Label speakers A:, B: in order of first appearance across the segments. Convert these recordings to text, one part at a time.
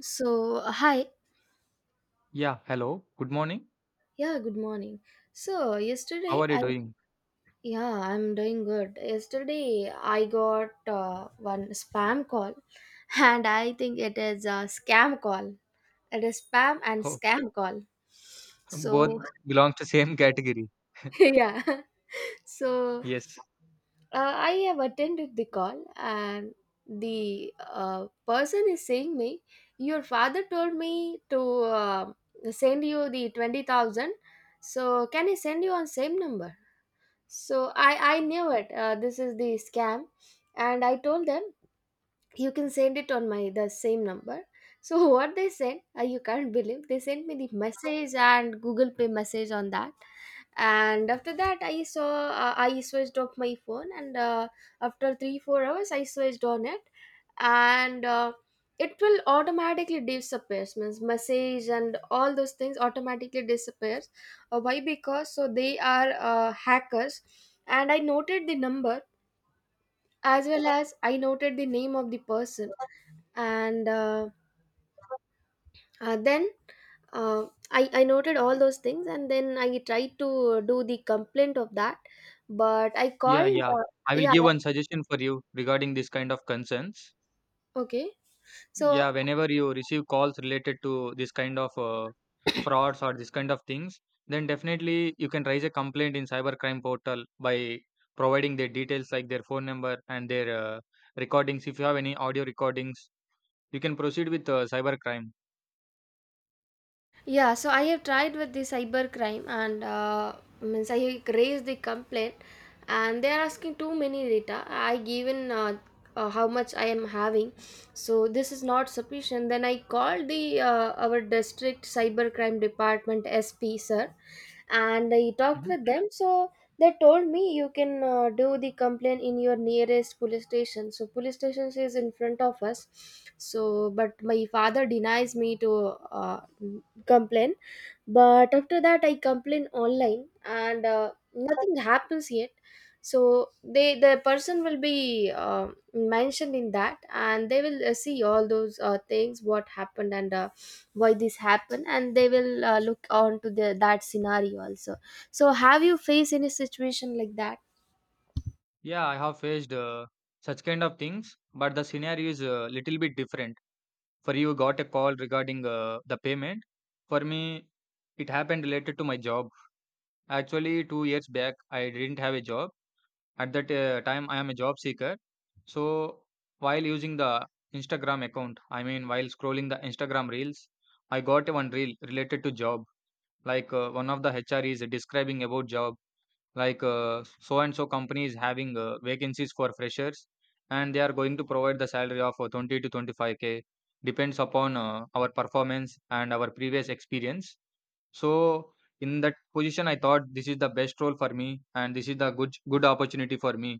A: So, hi.
B: Yeah, hello. Good morning.
A: Yeah, good morning. So,
B: How
A: yesterday
B: are you
A: I,
B: doing?
A: yeah, I'm doing good. Yesterday I got one spam call and I think it is a scam call. It is spam and
B: Oh,
A: scam call.
B: both
A: So,
B: belong to same category.
A: yeah. So,
B: Yes.
A: I have attended the call, and the person is saying me, your father told me to send you the 20,000. So, can I send you on same number? So I knew it. This is the scam, and I told them you can send it on my the same number, so what they sent, you can't believe, they sent me the message and Google Pay message on that. And after that I switched off my phone, and after 3 4 hours I switched on it. And it will automatically disappears, means message and all those things automatically disappears. Why? Because so they are hackers. And I noted the number as well as I noted the name of the person. And then, I noted all those things, and then I tried to do the complaint of that. But I
B: Yeah,
A: called,
B: yeah. I will
A: yeah,
B: give one suggestion for you regarding this kind of concerns.
A: okay. So,
B: Yeah, whenever you receive calls related to this kind of frauds or this kind of things, then definitely you can raise a complaint in cybercrime portal by providing their details like their phone number and their recordings. If you have any audio recordings, you can proceed with cybercrime.
A: yeah, so I have tried with the cyber crime, and means I raised the complaint, and they are asking too many data. I given how much I am having, so this is not sufficient. Then I called the our district cyber crime department SP sir, and I talked
B: Mm-hmm.
A: with them. So they told me you can do the complaint in your nearest police station. So police station is in front of us. So but my father denies me to. Uh, Complain. But after that I complain online and nothing happens yet, so the person will be mentioned in that, and they will see all those things what happened, and why this happened, and they will look on to the that scenario also. So have you faced any situation like that?
B: Yeah, I have faced such kind of things, but the scenario is a little bit different. For you, got a call regarding the payment. For me, it happened related to my job. Actually, 2 years back, I didn't have a job. At that time, I am a job seeker. So, while using the Instagram account, I mean, while scrolling the Instagram reels, I got one reel related to job. Like one of the HR is describing about job like so and so company is having vacancies for freshers, and they are going to provide the salary of 20 to 25k, depends upon our performance and our previous experience. So in that position I thought this is the best role for me, and this is the good opportunity for me.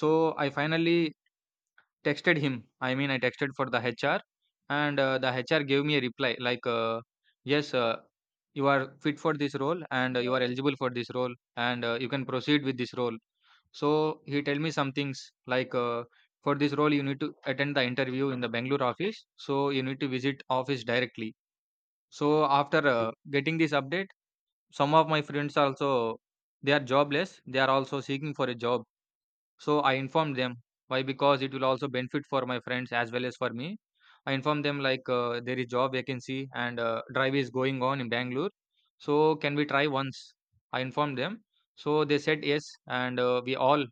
B: So I finally texted him. I mean, I texted for the HR, and the HR gave me a reply like, "Yes, you are fit for this role, and you are eligible for this role, and you can proceed with this role." So he tell me some things like, "For this role, you need to attend the interview in the Bangalore office, so you need to visit office directly." So after getting this update, some of my friends also, they are jobless. They are also seeking for a job, so I informed them. Why? Because it will also benefit for my friends as well as for me. I informed them like there is job vacancy and drive is going on in Bangalore. So can we try once? I informed them. So they said yes, and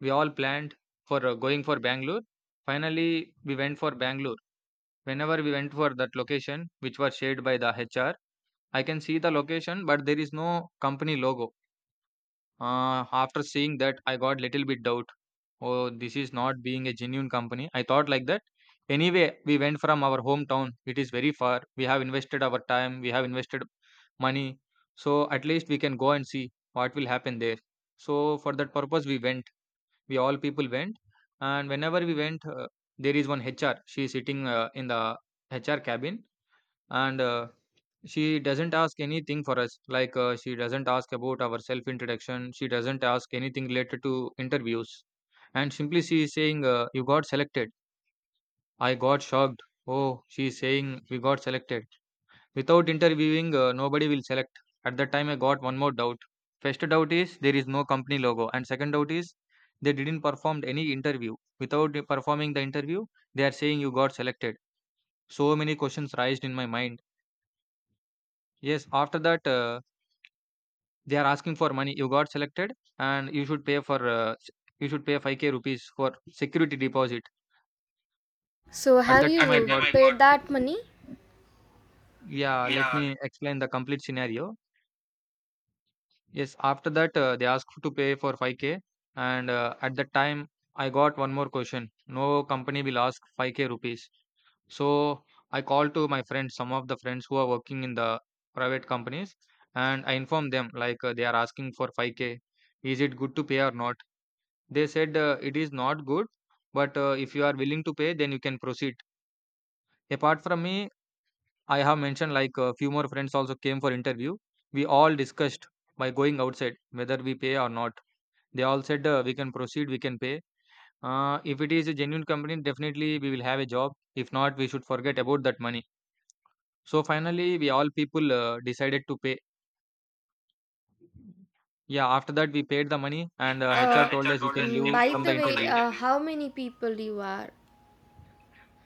B: we all planned for going for Bangalore. Finally, we went for Bangalore. Whenever we went for that location, which was shared by the HR, I can see the location, but there is no company logo. After seeing that, I got little bit doubt. Oh, this is not being a genuine company. I thought like that. Anyway, we went from our hometown. It is very far. We have invested our time. We have invested money. So at least we can go and see what will happen there. So for that purpose, we went. We all people went. And whenever we went, there is one HR. She is sitting in the HR cabin, and she doesn't ask anything for us, like she doesn't ask about our self introduction, she doesn't ask anything related to interviews, and simply she is saying, you got selected. I got shocked. Oh, she is saying we got selected. Without interviewing, nobody will select. At that time I got one more doubt. First doubt is there is no company logo, and second doubt is they didn't perform any interview. Without performing the interview, they are saying you got selected. So many questions raised in my mind. Yes, after that, they are asking for money. You got selected, and you should pay for you should pay 5k rupees for security deposit.
A: So
B: At
A: have
B: that
A: you,
B: time, I
A: yeah,
B: got,
A: my paid God, that money.
B: yeah. Let
A: Yeah,
B: me explain the complete scenario. Yes, after that they asked to pay for 5k, and at that time I got one more question. No company will ask 5k rupees. So I called to my friends, some of the friends who are working in the private companies, and I informed them like they are asking for 5k. Is it good to pay or not? They said, "It is not good, but if you are willing to pay, then you can proceed." Apart from me, I have mentioned like a few more friends also came for interview. We all discussed, by going outside, whether we pay or not. They all said we can proceed, we can pay. If it is a genuine company, definitely we will have a job. If not, we should forget about that money. So finally, we all people decided to pay. Yeah, after that we paid the money,
A: lady.
B: and
A: And
B: HR told
A: HR
B: us you
A: told
B: can
A: us you can
B: leave
A: by go
B: from
A: the
B: the
A: way the
B: interview.
A: interview. How many people you are?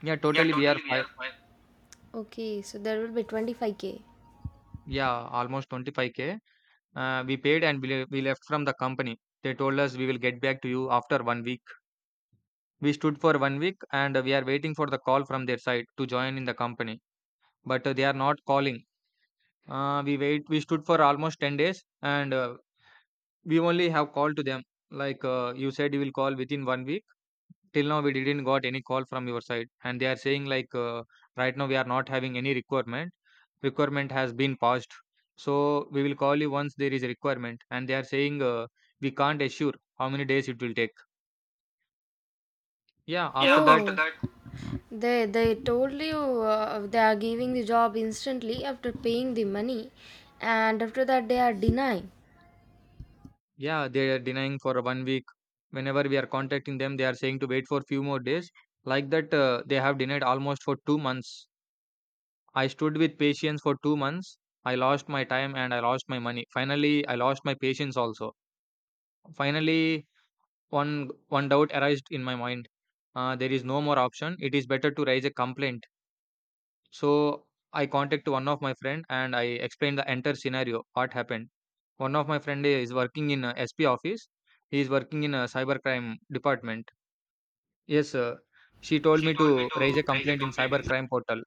B: Yeah,
A: Yeah,
B: totally we are
A: totally. We are
B: five.
A: five. Okay, so there will be 25k.
B: Yeah, almost 25k. We paid and we, we left from the company. They told us we will get back to you after 1 week. We stood for 1 week and we are waiting for the call from their side to join in the company. But they are not calling. We wait. We stood for almost 10 days, and we only have called to them. Like you said, you will call within 1 week. Till now we didn't got any call from your side, and they are saying like right now we are not having any requirement. Has been passed, so we will call you once there is a requirement. And they are saying we can't assure how many days it will take. Yeah, after
A: Yeah,
B: that,
A: after, oh, that, they told you, they are giving the job instantly after paying the money, and after that they are denying.
B: yeah, they are denying for 1 week. Whenever we are contacting them, they are saying to wait for few more days. Like that, they have denied almost for 2 months. I stood with patience for 2 months. I lost my time and I lost my money. Finally I lost my patience also. Finally, one doubt arised in my mind. There is no more option. It is better to raise a complaint. So I contacted one of my friend and I explained the entire scenario. What happened? One of my friend is working in a SP office. He is working in a cybercrime department. Yes, sir. She told
A: She
B: me
A: told me
B: to raise
A: to
B: a
A: raise a
B: complaint in
A: complaint in some.
B: cybercrime portal.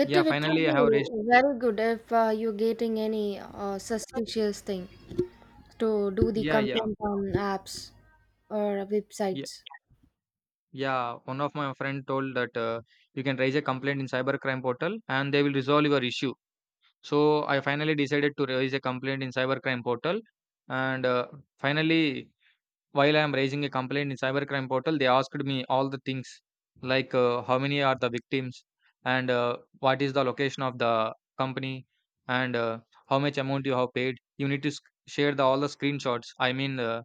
A: It
B: Yeah,
A: it will
B: finally I have raised.
A: be very good if you're getting any suspicious thing to do the
B: Yeah, yeah,
A: complaint on apps or
B: yeah,
A: websites.
B: yeah. One of my friend told that you can raise a complaint in cybercrime portal and they will resolve your issue. So, I finally decided to raise a complaint in cybercrime portal, and, finally, while I am raising a complaint in cybercrime portal, they asked me all the things, like, how many are the victims, and, what is the location of the company, and, how much amount you have paid. You need to sc share the all the screenshots. I mean,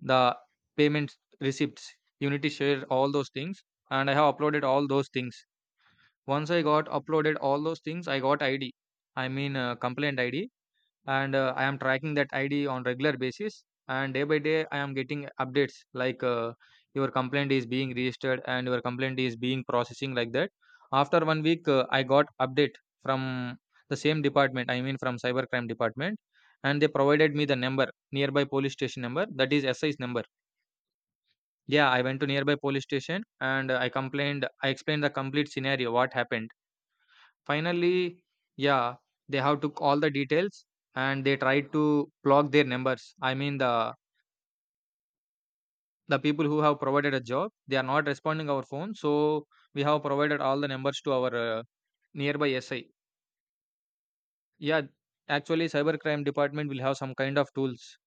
B: the payment receipts. You need to share all those things, and I have uploaded all those things. Once I got uploaded all those things, I got ID. I mean, complaint ID, and I am tracking that id on regular basis, and day by day I am getting updates like your complaint is being registered and your complaint is being processing, like that. After 1 week, I got update from the same department. I mean from cyber crime department. And they provided me the number, nearby police station number, that is SI's number. Yeah, I went to nearby police station and I complained. I explained the complete scenario, what happened. Finally, yeah, they have took all the details, and they tried to block their numbers. I mean, the people who have provided a job, they are not responding our phone, so we have provided all the numbers to our nearby SI. Yeah, actually, cyber crime department will have some kind of tools.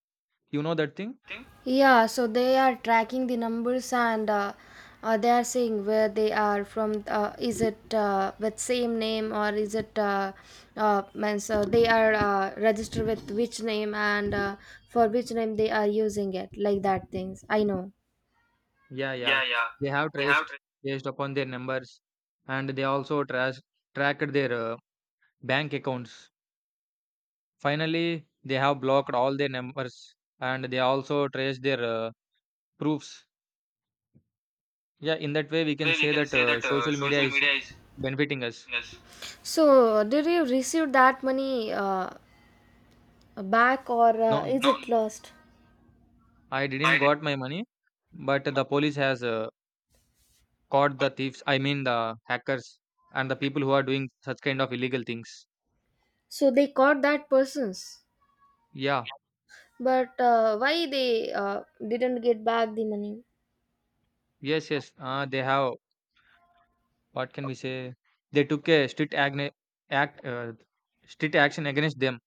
B: You know that thing?
A: Thing? Yeah, so they are tracking the numbers, and they are saying where they are from. Is it with same name, or is it means they are registered with which name, and for which name they are using it, like that things. I know.
B: Yeah,
A: Yeah,
B: yeah.
A: yeah.
B: They have
A: We have
B: traced
A: that
B: based upon their numbers, and they also trace tracked their bank accounts. Finally, they have blocked all their numbers, and they also traced their proofs. Yeah, in that way, we can
A: way we
B: say
A: can
B: that
A: say that
B: social media
A: social
B: is
A: media is,
B: benefiting us.
A: yes. So did you receive that money back, or
B: No,
A: is,
B: no,
A: no, it lost?
B: I didn't
A: I did.
B: got my money, but the police has caught the thieves. I mean the hackers and the people who are doing such kind of illegal things.
A: So they caught that persons.
B: Yeah,
A: But why they didn't get back the money?
B: yes. They have. What can we say? They took a act, strict action against them.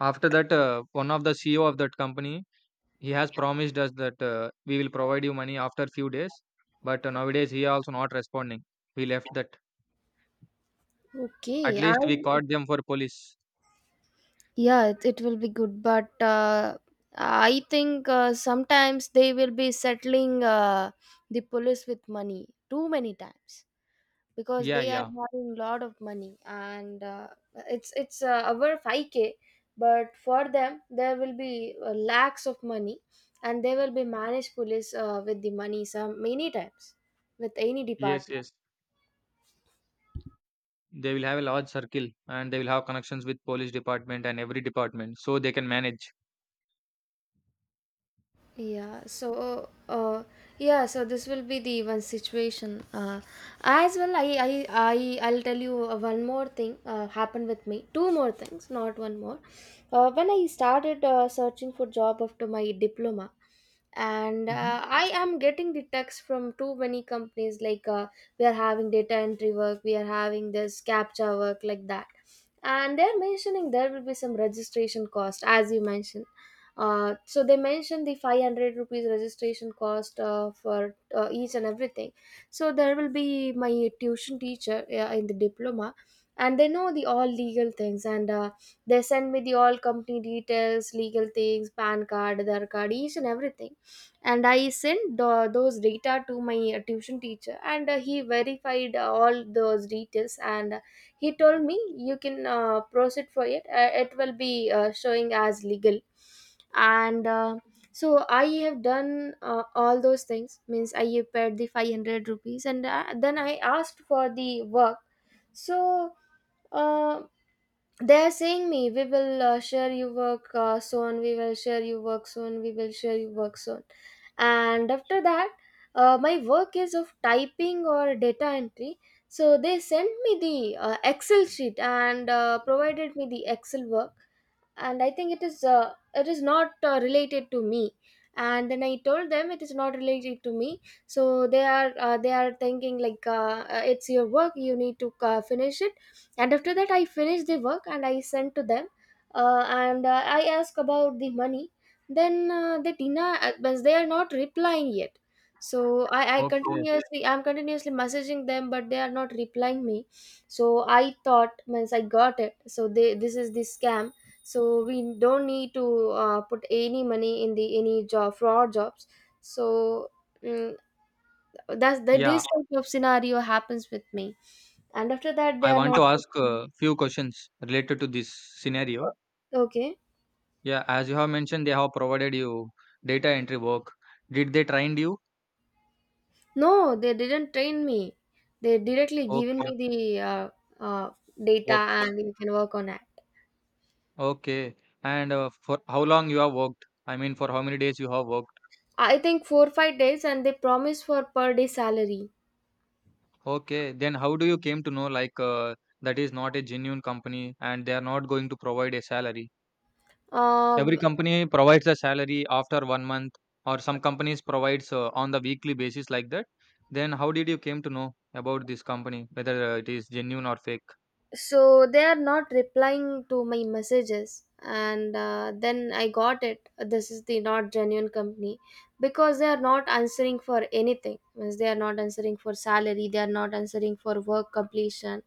B: After that, one of the CEO of that company, he has promised us that we will provide you money after few days, but nowadays he also not responding. We left that. At
A: Okay, I,
B: least we caught them for police.
A: yeah, it will be good, but I think sometimes they will be settling the police with money too many times, because
B: Yeah,
A: they are
B: yeah.
A: having lot of money, and it's our 5k, but for them there will be lakhs of money, and they will be managed police with the money some many times with any
B: Yes,
A: department.
B: yes. They will have a large circle and they will have connections with police department and every department, so they can manage.
A: Yeah, so, yeah, so this will be the one situation. As well, I'll tell you one more thing happened with me. Two more things, not one more. When I started searching for job after my diploma, and
B: Mhm.
A: I am getting the text from too many companies, like we are having data entry work, we are having this captcha work, like that. And they're mentioning there will be some registration cost as you mentioned. So they mentioned the 500 rupees registration cost for each and everything. So there will be my tuition teacher in the diploma, and they know the all legal things. And they send me the all company details, legal things, PAN card, their card, each and everything. And I sent those data to my tuition teacher, and he verified all those details, and he told me you can proceed for it, it will be showing as legal. And so I have done all those things, means I paid the 500 rupees, and then I asked for the work. So, uh, they're saying me, we will share your work, soon we will share your work soon, we will share your work soon. And after that, my work is of typing or data entry. So they sent me the excel sheet, and provided me the excel work. And I think it is, it is not related to me. And then I told them it is not related to me. So they are thinking like, it's your work, you need to finish it. And after that I finished the work, and I sent to them. And I asked about the money. Then the tina, means they are not replying yet. So I, I
B: Okay.
A: continuously i'm continuously messaging them, but they are not replying me. So I thought, means I got it, so they this is the scam. So we don't need to put any money in the any job fraud jobs. So. mm, that's that this
B: Yeah,
A: type of scenario happens with me. And after that they
B: I
A: are
B: want to
A: not.
B: ask a few questions related to this scenario.
A: Okay.
B: Yeah, as you have mentioned, they have provided you data entry work. Did they trained you?
A: No, they didn't train me. They directly given me
B: Okay,
A: the uh, data,
B: work.
A: and you can work on it.
B: Okay. And for how long you have worked? I mean, for how many days you have worked?
A: I think 4 5 days, and they promise for per day salary.
B: Okay. Then how do you came to know like that is not a genuine company and they are not going to provide a salary? Every
A: Uh,
B: company provides a salary after 1 month, or some companies provides on the weekly basis like that. Then how did you came to know about this company, whether it is genuine or fake?
A: so they are not replying to my messages, and then I got it, this is the not genuine company. Because they are not answering for anything, means they are not answering for salary, they are not answering for work completion.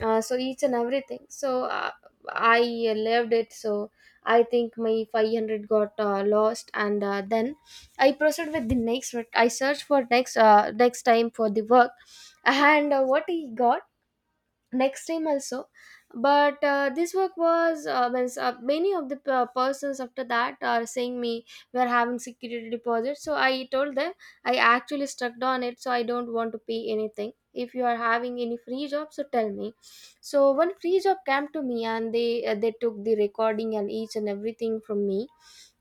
A: So each and everything. So, I left it. So I think my 500 got lost. And then I proceed with the next, I searched for next time for the work. And what he got next time also. But this work was, means, many of the persons after that are saying me we are having security deposit. So I told them, I actually stuck on it, so I don't want to pay anything. If you are having any free job, so tell me. So one free job came to me, and they took the recording and each and everything from me,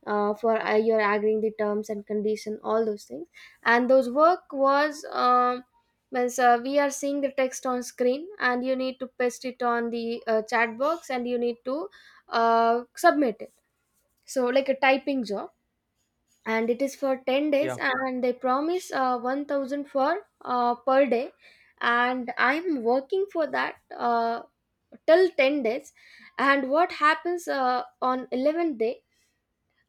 A: for you're agreeing the terms and condition, all those things. And those work was, means we are seeing the text on screen, and you need to paste it on the chat box, and you need to submit it. So like a typing job. And it is for 10 days,
B: Yeah,
A: and they promise 1000 for per day. And I'm working for that, till 10 days. And what happens on 11th day?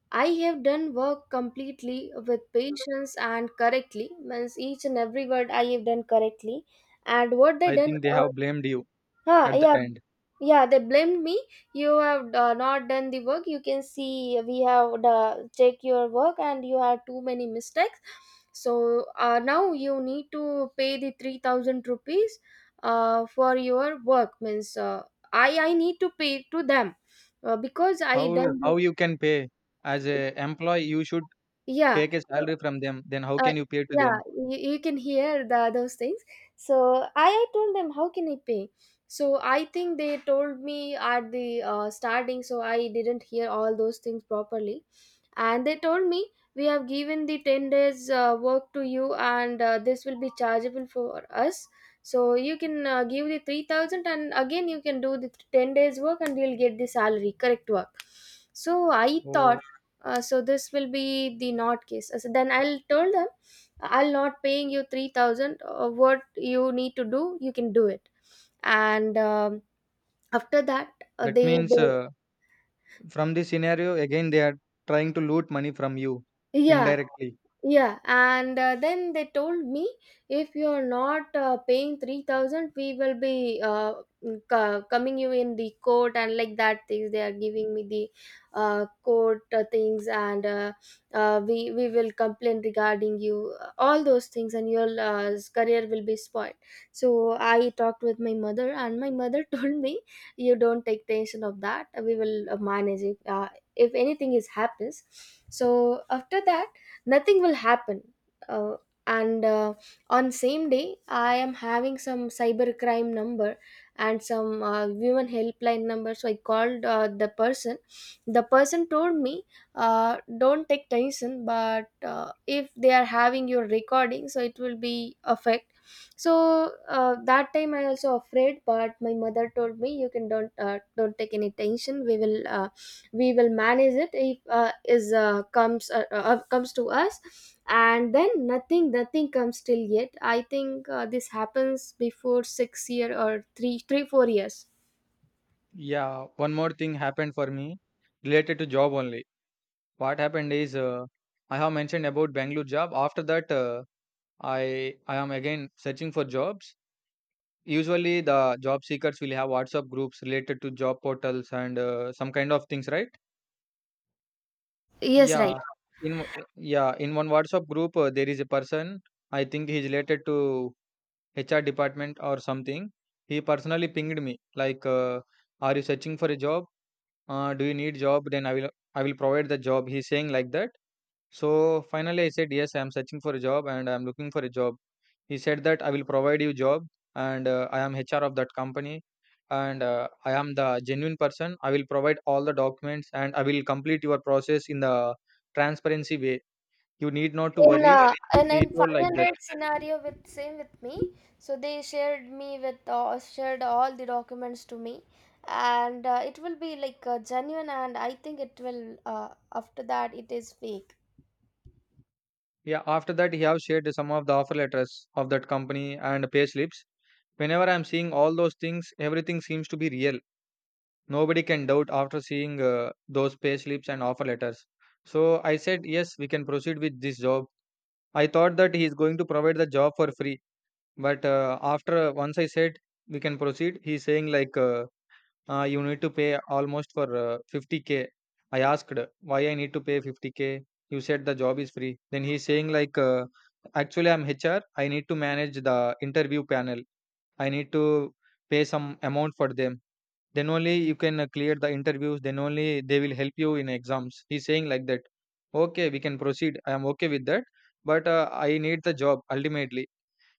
A: I have done work completely with patience and correctly, means each and every word I have done correctly. And what they
B: I
A: done,
B: think they have blamed you
A: huh,
B: at the
A: yeah.
B: end.
A: Yeah, they blamed me. You have not done the work, you can see we have checked your work, and you have too many mistakes. So now you need to pay the 3000 rupees for your work, means I need to pay to them, because I
B: How
A: done the.
B: how you can pay as a employee? You should
A: Yeah,
B: take a
A: so.
B: salary from them. Then how
A: uh,
B: can you pay to
A: yeah,
B: them?
A: you can hear the, those things. So I told them, how can I pay? So I think they told me at the starting, so I didn't hear all those things properly. And they told me we have given the 10 days work to you, and this will be chargeable for us. So you can give the 3000, and again you can do the 10 days work, and you'll get the salary correct work. So I thought,
B: Oh,
A: so this will be the not case. So then I'll tell them, I'll not paying you 3000, what you need to do you can do it. And after that,
B: that
A: they
B: means from this scenario, again, they are trying to loot money from you
A: yeah,
B: indirectly.
A: yeah. And then they told me, if you're not paying 3000, we will be coming you in the court, and like that things they are giving me the court things. And we will complain regarding you all those things, and your career will be spoiled. So I talked with my mother, and my mother told me, "You don't take tension of that. We will manage it. If anything is happens, so after that nothing will happen." uh, and on same day, I am having some cyber crime number and some women helpline number. So I called the person. The person told me, uh, "Don't take tension, but if they are having your recording, so it will be affect." So that time I also afraid, but my mother told me, "You can don't take any tension. We will manage it if is comes comes to us." And then nothing comes till yet. I think this happens before 6 year or three 4 years.
B: Yeah, one more thing happened for me related to job only. What happened is I have mentioned about Bangalore job. After that, I am again searching for jobs. Usually, the job seekers will have WhatsApp groups related to job portals and some kind of things, right?
A: Yes, right.
B: Yeah, in one WhatsApp group, there is a person. I think he's related to HR department or something. He personally pinged me like, "Are you searching for a job? Do you need job? Then I will provide the job." He's saying like that. So finally, I said yes. I am searching for a job and I am looking for a job. He said that I will provide you job and I am HR of that company and I am the genuine person. I will provide all the documents and I will complete your process in the transparency way. You need not to
A: in
B: worry.
A: And
B: He
A: in
B: told like that.
A: 500 scenario, with same with me. So they shared me with— shared all the documents to me, and it will be like genuine, and I think it will uh, after that it is fake.
B: Yeah, after that, he have shared some of the offer letters of that company and pay slips. Whenever I'm seeing all those things, everything seems to be real. Nobody can doubt after seeing those pay slips and offer letters. So I said, yes, we can proceed with this job. I thought that he is going to provide the job for free, but after once I said we can proceed, he's saying like. You need to pay almost for 50K. I asked why I need to pay 50K. You said the job is free. Then he's saying like, actually I'm HR. I need to manage the interview panel. I need to pay some amount for them. Then only you can clear the interviews. Then only they will help you in exams. He's saying like that. Okay, we can proceed. I am okay with that. But I need the job ultimately.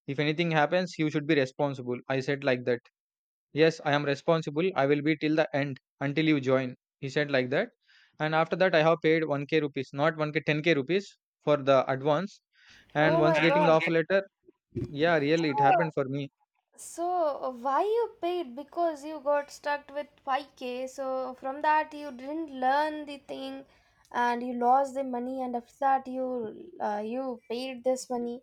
B: If anything happens, you should be responsible. I said like that. Yes, I am responsible. I will be till the end until you join. He said like that. And after that, I have paid 1k rupees, not 1k, 10k rupees for the advance. And
A: Oh my
B: once getting the
A: god.
B: offer letter, yeah, really, it happened for me.
A: So why you paid? Because you got stuck with 5K. So from that you didn't learn the thing, and you lost the money. And after that you paid this money.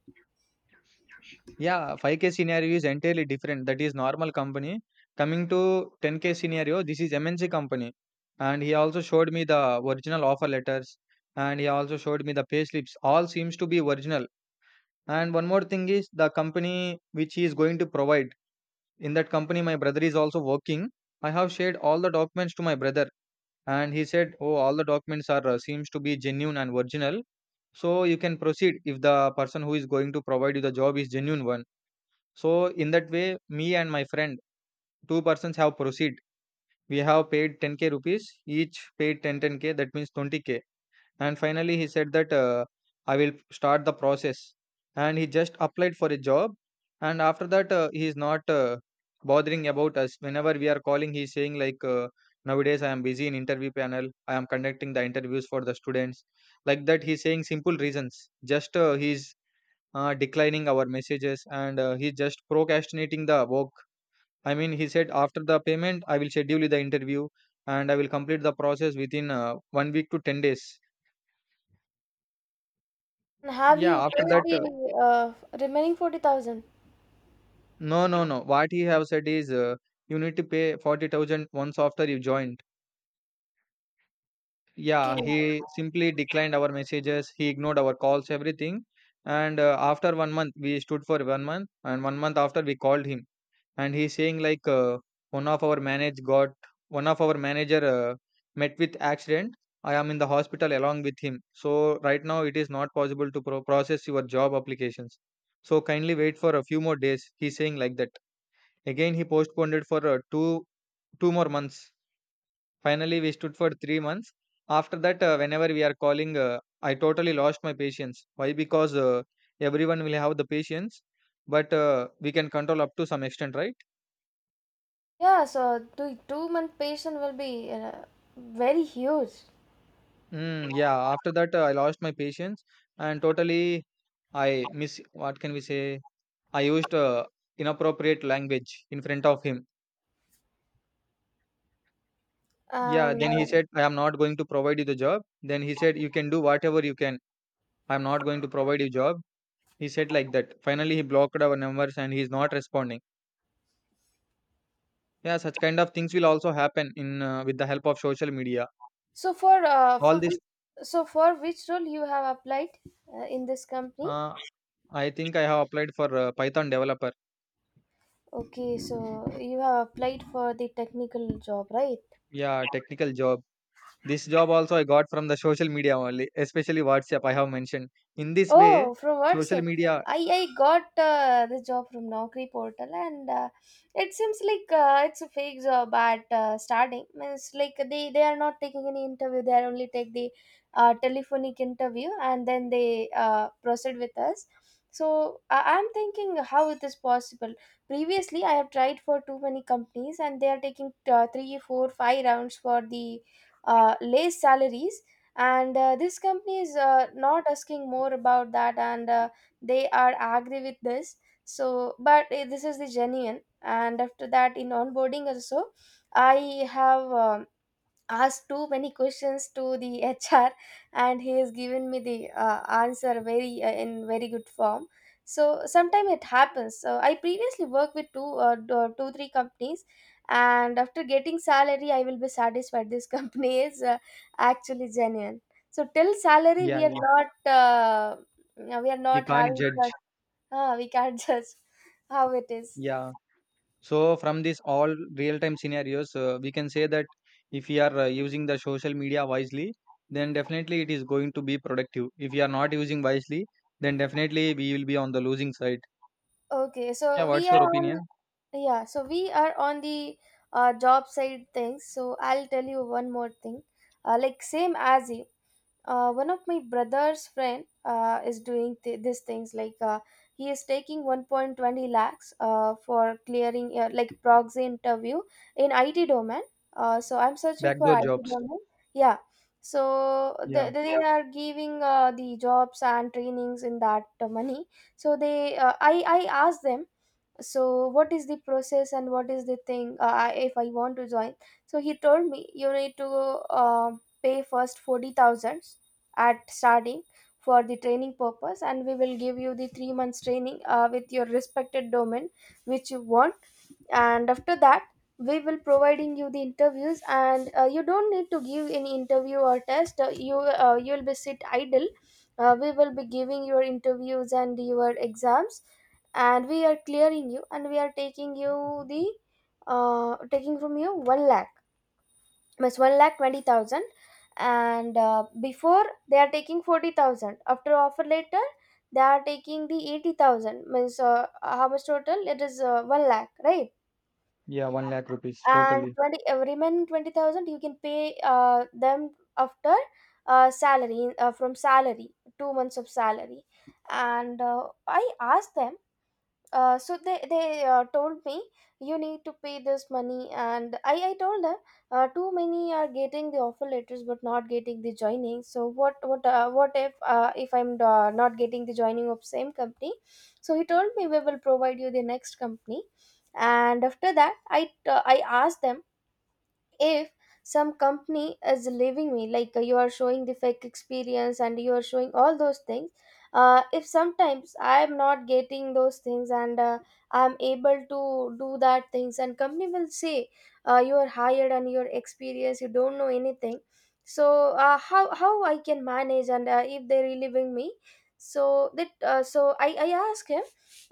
B: Yeah, 5k scenario is entirely different. That is normal company. Coming to 10k scenario, this is MNC company. And he also showed me the original offer letters and he also showed me the pay slips. All seems to be original. And one more thing is the company which he is going to provide. In that company, my brother is also working. I have shared all the documents to my brother, and he said, "Oh, all the documents are seems to be genuine and original, so you can proceed if the person who is going to provide you the job is genuine one." So in that way, me and my friend, two persons have proceed. We have paid 10k rupees each, paid 10 10k. That means 20k, and finally he said that I will start the process, and he just applied for a job, and after that he is not bothering about us. Whenever we are calling, he is saying like nowadays I am busy in interview panel, I am conducting the interviews for the students, like that he is saying simple reasons. Just he is declining our messages and he is just procrastinating the work. I mean he said after the payment I will schedule the interview and I will complete the process within 1 week to 10 days.
A: And have
B: Yeah,
A: you paid
B: after that,
A: the remaining 40,000?
B: no, no, no. What he have said is, you need to pay 40,000 once after you joined.
A: Okay.
B: Yeah, he simply declined our messages. He ignored our calls, everything. And after 1 month, we stood for 1 month, and 1 month after we called him, and he's saying like one of our manage got one of our manager met with accident. I am in the hospital along with him. So right now it is not possible to pro- process your job applications. So kindly wait for a few more days. He's saying like that. Again, he postponed it for two two more months. Finally, we stood for 3 months. After that, whenever we are calling, I totally lost my patience. Why? Because everyone will have the patience, but we can control up to some extent, right?
A: Yeah. So the 2-month patient will be very huge.
B: Mm, yeah. After that, I lost my patience and totally I miss. What can we say? I used inappropriate language in front of him. Yeah.
A: And
B: Then he said, "I am not going to provide you the job." Then he said, "You can do whatever you can." I'm not going to provide you job. He said like that. Finally, he blocked our numbers and he's not responding. Yeah, such kind of things will also happen in with the help of social media.
A: so for
B: All
A: which,
B: this,
A: so for which role you have applied in this company?
B: uh, I think I have applied for Python developer.
A: Okay, so you have applied for the technical job, right?
B: Yeah, technical job. This job also I got from the social media only, especially WhatsApp. I have mentioned. In this way,
A: Oh, from
B: social
A: WhatsApp.
B: media.
A: I got the job from Naukri portal, and it seems like it's a fake job at starting. Means like they are not taking any interview. They are only take the telephonic interview, and then they proceed with us. So I'm thinking how it is possible. Previously, I have tried for too many companies, and they are taking three, four, five rounds for the less salaries, and this company is not asking more about that, and they are agree with this. So but this is the genuine, and after that in onboarding also I have asked too many questions to the HR, and he has given me the answer very in very good form. So sometime it happens. So I previously worked with two three companies, and after getting salary, I will be satisfied. This company is actually genuine. So till salary,
B: Yeah,
A: we are
B: yeah.
A: not uh, we are
B: We
A: not
B: can't
A: having
B: judge.
A: trust. We can't judge how it is.
B: Yeah. So from this all real-time scenarios, we can say that if we are using the social media wisely, then definitely it is going to be productive. If we are not using wisely, then definitely we will be on the losing side.
A: Okay,
B: Yeah,
A: so we
B: what's your
A: are on
B: opinion?
A: yeah, so we are on the job side things. So I'll tell you one more thing. Like same as you, one of my brother's friend is doing these things. Like he is taking 1.20 lakhs for clearing like proxy interview in IT domain. So I'm searching for
B: Backdoor
A: IT
B: jobs.
A: domain. Yeah. So they,
B: Yeah,
A: they yeah, are giving the jobs and trainings in that money. So they I asked them, "So what is the process, and what is the thing if I want to join?" So he told me, "You need to pay first 40,000 at starting for the training purpose, and we will give you the 3 months training with your respected domain, which you want, and after that we will providing you the interviews. And you don't need to give any interview or test. You will be sit idle. We will be giving your interviews and your exams, and we are clearing you, and we are taking from you 1 lakh, means 1 lakh 20,000. And before, they are taking 40,000, after offer later they are taking the 80,000. Means how much total it is? 1 lakh, right?
B: yeah, one lakh rupees
A: And
B: totally.
A: 20 remaining 20,000 you can pay them after salary from salary, 2 months of salary." And I asked them, so they told me, "You need to pay this money." And I told them, "Too many are getting the offer letters but not getting the joining, so what if I'm not getting the joining of same company?" So he told me, "We will provide you the next company." And after that I asked them, "If some company is leaving me, like you are showing the fake experience and you are showing all those things, if sometimes I am not getting those things, and I am able to do that things, and company will say, 'You are hired, and your experience, you don't know anything,' so how I can manage? And if they're relieving me, so that so I ask him,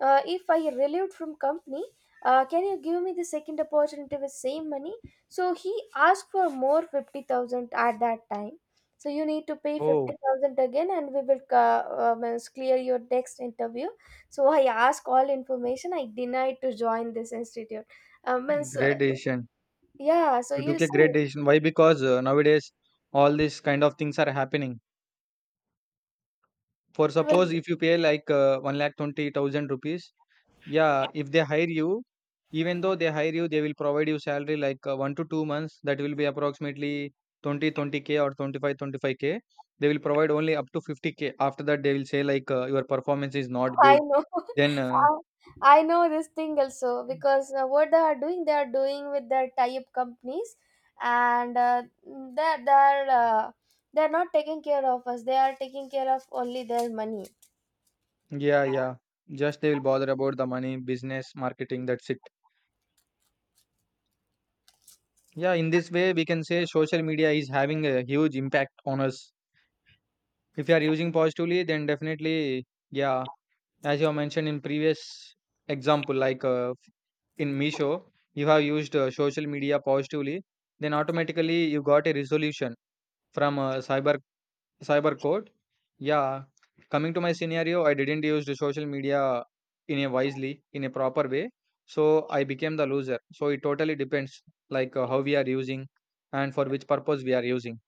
A: 'If I relieved from company, can you give me the second opportunity with same money?'" So he asked for more 50,000 at that time. "So you need to pay
B: Oh,
A: 50,000 again, and we will is clear your next interview." So I asked all information. I denied to join this institute. Means,
B: great decision.
A: yeah, so
B: You
A: you
B: took a
A: see,
B: great decision. Why? Because nowadays all these kind of things are happening. For
A: it
B: suppose
A: will.
B: if you pay like one lakh 20,000 rupees. Yeah, if they hire you, even though they hire you, they will provide you salary like 1 to 2 months. That will be approximately twenty twenty k or twenty five twenty five k. They will provide only up to 50K. After that, they will say like your performance is not
A: I
B: good.
A: know.
B: Then,
A: I I know this thing also, because what they are doing with their tie-up companies, and they're not taking care of us. They are taking care of only their money.
B: yeah, yeah. Just they will bother about the money, business, marketing. That's it. Yeah, in this way, we can say social media is having a huge impact on us. If you are using positively, then definitely, yeah, as you have mentioned in previous example like in Misho, you have used social media positively, then automatically you got a resolution from cyber code. Yeah, coming to my scenario, I didn't use the social media in a wisely, in a proper way, so I became the loser. So it totally depends like how we are using and for which purpose we are using,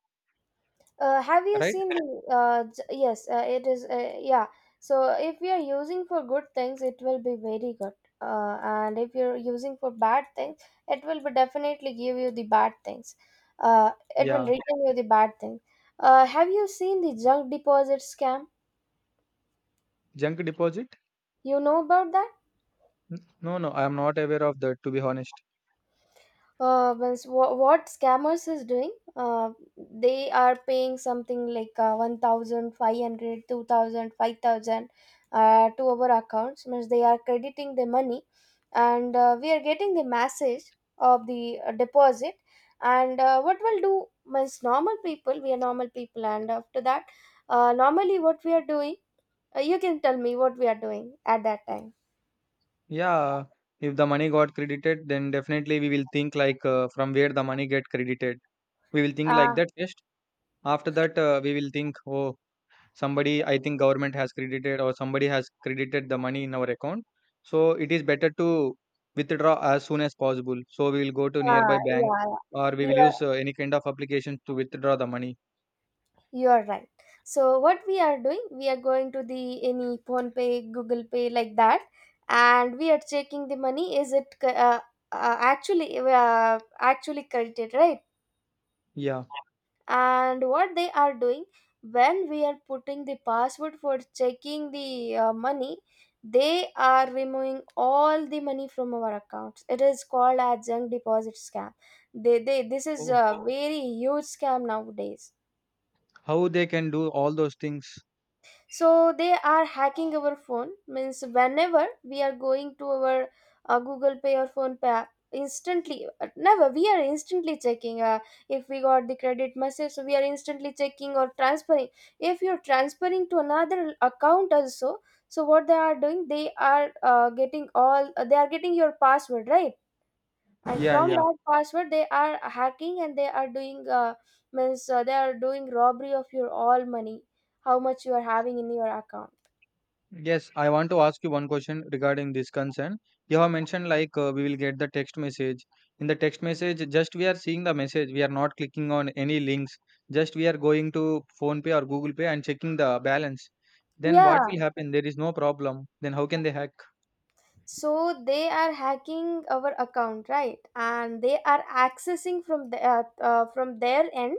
A: Have you
B: right?
A: seen the? Yes, it is. Yeah. So if we are using for good things, it will be very good. And if you're using for bad things, it will be definitely give you the bad things. It will
B: Yeah,
A: return you the bad thing. Have you seen the junk deposit scam?
B: junk deposit?
A: You know about that?
B: N- No, no, I am not aware of that to be honest.
A: What scammers is doing, they are paying something like 1,500, 2,000, 5,000, 2,000 to our accounts, means they are crediting the money. And we are getting the message of the deposit. And what will do? Means normal people, we are normal people, and after that normally, what we are doing? You can tell me what we are doing at that time?
B: Yeah, if the money got credited, then definitely we will think like from where the money get credited. We will think like
A: Ah,
B: that first. After that, we will think, oh, somebody, I think government has credited or somebody has credited the money in our account. So it is better to withdraw as soon as possible. So we will go to
A: ah,
B: nearby bank
A: yeah,
B: or we
A: yeah.
B: will
A: You
B: use any kind of application to withdraw the money.
A: You are right. So what we are doing, we are going to the any phone pay, Google Pay like that, and we are checking the money. Is it actually credited, right?
B: Yeah.
A: And what they are doing, when we are putting the password for checking the money, they are removing all the money from our accounts. It is called as junk deposit scam. They This is
B: Oh,
A: a very huge scam nowadays.
B: how they can do all those things.
A: So they are hacking our phone. Means whenever we are going to our Google Pay or phone pay app, instantly never we are instantly checking. If we got the credit message, so we are instantly checking or transferring. If you're transferring to another account also, so what they are doing, they are getting all they are getting your password, right? And
B: Yeah,
A: from
B: yeah.
A: that password, they are hacking, and they are doing means they are doing robbery of your all money, how much you are having in your account.
B: Yes, I want to ask you one question regarding this concern. You have mentioned like we will get the text message. In the text message, just we are seeing the message. We are not clicking on any links. Just we are going to phone pay or Google Pay and checking the balance. Then what
A: Yeah.
B: will happen? There is no problem. Then how can they hack?
A: So they are hacking our account, right? And they are accessing from the from their end.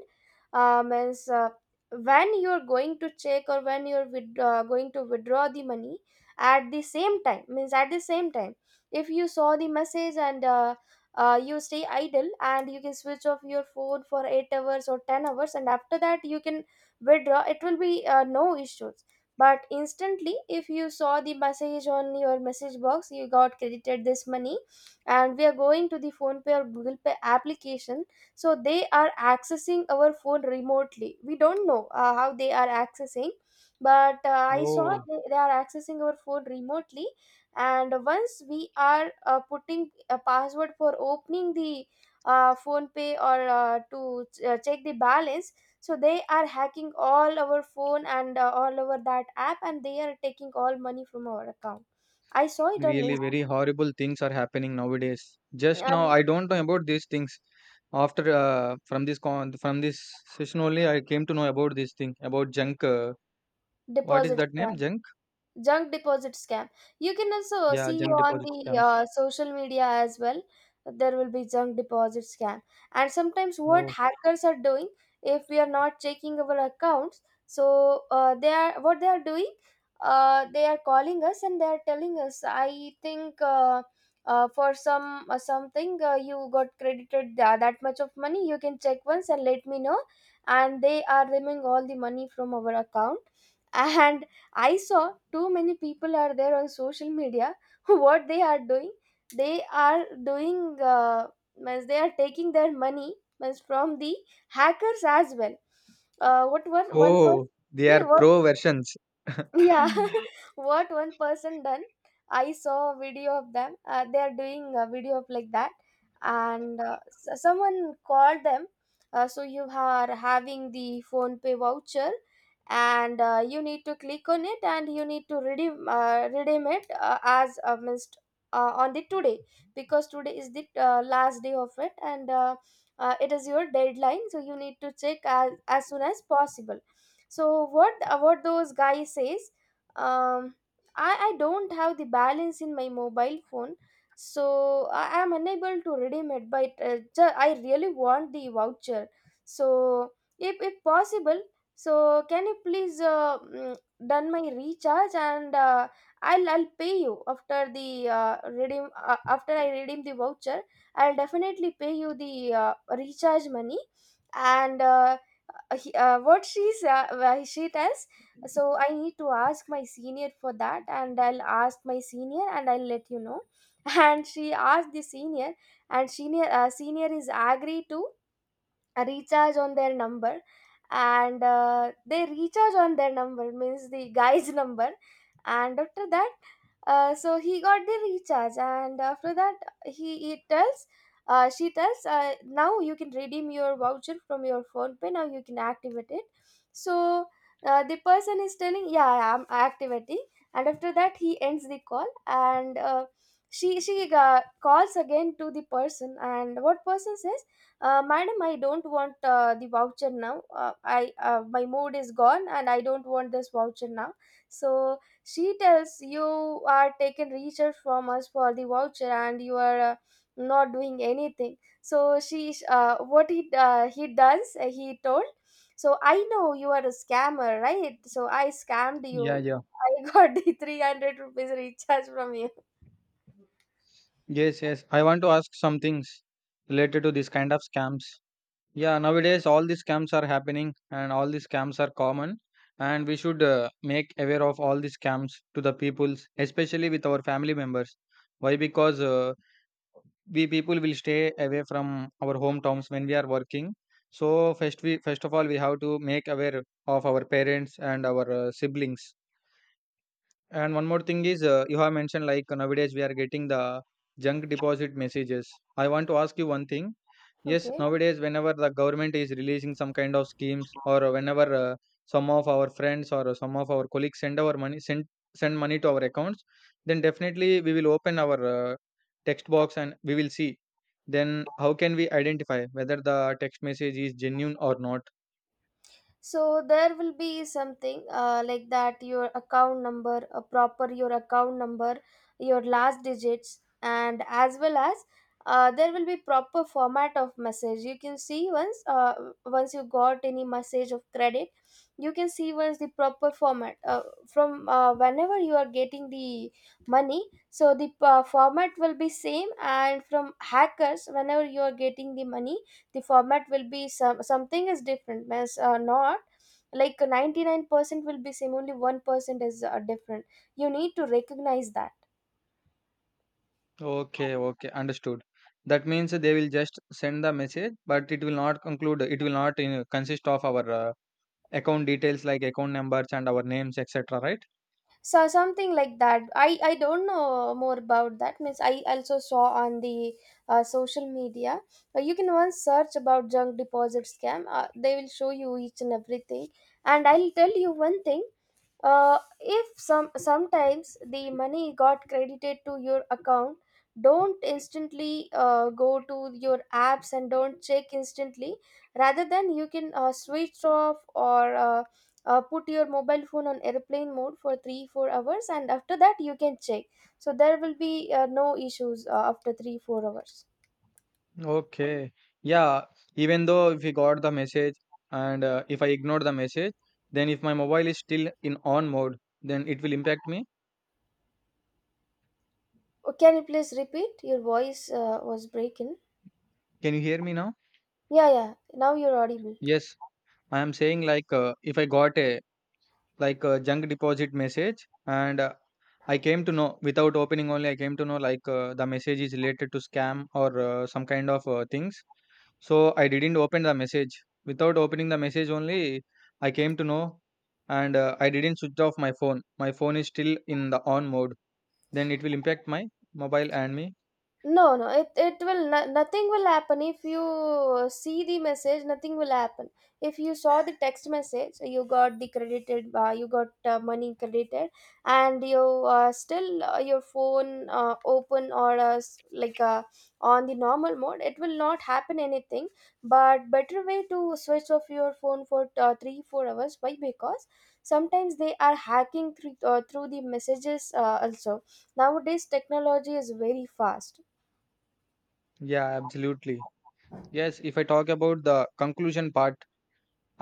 A: Means When you're going to check or when you're going to withdraw the money at the same time, means at the same time, if you saw the message and you stay idle and you can switch off your phone for 8 hours or 10 hours, and after that you can withdraw, it will be no issues. But instantly if you saw the message on your message box, you got credited this money and we are going to the phone pay or google pay application, so they are accessing our phone remotely. We don't know how they are accessing, but I saw
B: Oh,
A: they are accessing our phone remotely. And once we are putting a password for opening the phone pay or to check the balance, so they are hacking all our phone and all over that app, and they are taking all money from our account. I saw it on
B: really
A: Inst-
B: very horrible things are happening nowadays. Just now,
A: and
B: I don't know about these things. After from this session only, I came to know about this thing about junk. What is
A: deposit,
B: that name? Junk.
A: junk deposit scam. You can also
B: Yeah,
A: see
B: junk
A: on
B: deposit
A: the
B: scams.
A: social media as well. There will be junk deposit scam. And sometimes what
B: Oh,
A: hackers are doing, if we are not checking our accounts, so they are, what they are doing, they are calling us and they are telling us, I think for something, you got credited that much of money, you can check once and let me know. And they are removing all the money from our account. And I saw too many people are there on social media. What they are doing? They are doing, means they are taking their money, means from the hackers as well. What was one
B: oh, they
A: person?
B: are pro versions.
A: Yeah. What one person done, I saw a video of them. They are doing a video of like that. And someone called them. So you are having the phone pay voucher and you need to click on it and you need to redeem, redeem it as missed on the today, because today is the last day of it, and it is your deadline, so you need to check as soon as possible. So what those guys says, um I don't have the balance in my mobile phone, so I am unable to redeem it, but I really want the voucher. So if possible, so can you please done my recharge, and I'll pay you after the redeem after I redeem the voucher. I'll definitely pay you the uh, recharge money. And what she's, why she tells, so I need to ask my senior for that, and I'll ask my senior and I'll let you know. And she asked the senior, and senior, senior is agree to a recharge on their number. And they recharge on their number, means the guy's number. And after that, so he got the recharge. And after that he tells, she tells, now you can redeem your voucher from your phone pay, now you can activate it. So the person is telling, yeah, I'm activating. And after that he ends the call. And she calls again to the person, and what person says, madam, I don't want the voucher now. I My mood is gone and I don't want this voucher now. So she tells, you are taking research from us for the voucher and you are not doing anything. So she what he does he told, so I know you are a scammer, right, so I scammed you.
B: Yeah, yeah.
A: I got the 300 rupees recharge from you.
B: Yes, yes. I want to ask some things related to this kind of scams. Yeah, nowadays all these scams are happening and all these scams are common, and we should make aware of all these scams to the peoples, especially with our family members. Why? Because we people will stay away from our hometowns when we are working, so first of all we have to make aware of our parents and our siblings. And one more thing is, you have mentioned like nowadays we are getting the junk deposit messages. I want to ask you one thing. Yes,
A: Okay.
B: nowadays whenever the government is releasing some kind of schemes, or whenever some of our friends or some of our colleagues send our money, send money to our accounts, then definitely we will open our text box and we will see. Then how can we identify whether the text message is genuine or not?
A: So there will be something like that, your account number, a proper your account number, your last digits, and as well as there will be proper format of message. You can see once once you got any message of credit, you can see once the proper format from whenever you are getting the money, so the format will be same. And from hackers, whenever you are getting the money, the format will be some, something is different, mas not like 99% will be same, only 1% is different. You need to recognize that.
B: Okay, okay, understood. That means they will just send the message, but it will not conclude, it will not consist of our account details like account numbers and our names, etc. Right?
A: So something like that, I don't know more about that, means I also saw on the social media. You can once search about junk deposit scam, they will show you each and everything. And I'll tell you one thing. If sometimes the money got credited to your account, don't instantly go to your apps and don't check instantly. Rather than, you can switch off or put your mobile phone on airplane mode for 3 4 hours, and after that you can check. So there will be no issues after 3 4 hours.
B: Okay. Yeah, even though if you got the message and if I ignore the message, then if my mobile is still in on mode, then it will impact me.
A: Oh, can you please repeat? Your voice was breaking.
B: Can you hear me now?
A: Yeah, yeah. Now you're audible.
B: Yes, I am saying like if I got a like a junk deposit message and I came to know without opening only I came to know like the message is related to scam or some kind of things, so I didn't open the message. Without opening the message only I came to know, and I didn't switch off my phone. My phone is still in the on mode, then it will impact my mobile and me.
A: No, no, it it will no, nothing will happen. If you see the message, nothing will happen. If you saw the text message, you got the credited, you got money credited, and you still your phone open or on the normal mode, it will not happen anything. But better way to switch off your phone for 3 4 hours. Why? Because sometimes they are hacking through, through the messages also. Nowadays technology is very fast.
B: Yeah, absolutely. Yes, if I talk about the conclusion part,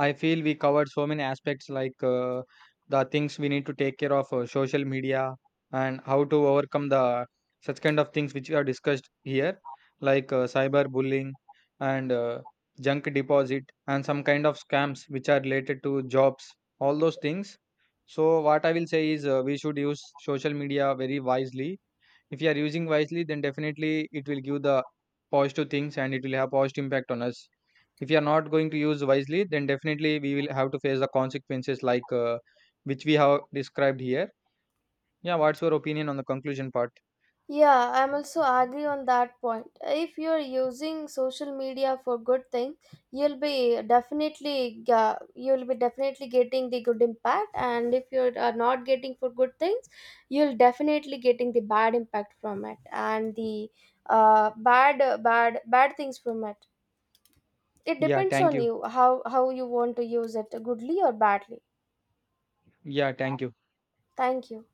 B: I feel we covered so many aspects like the things we need to take care of, social media, and how to overcome the such kind of things which we have discussed here, like cyber bullying and junk deposit and some kind of scams which are related to jobs, all those things. So what I will say is we should use social media very wisely. If you are using wisely, then definitely it will give the positive things and it will have positive impact on us. If we are not going to use wisely, then definitely we will have to face the consequences like which we have described here. Yeah, what's your opinion on the conclusion part?
A: Yeah, I'm also agree on that point. If you're using social media for good thing, you'll be definitely you'll be definitely getting the good impact. And if you are not getting for good things, you'll definitely getting the bad impact from it, and the bad bad things from it. It
B: Yeah,
A: depends
B: thank
A: on
B: you.
A: you, how you want to use it, goodly or badly.
B: Yeah, thank you.
A: Thank you.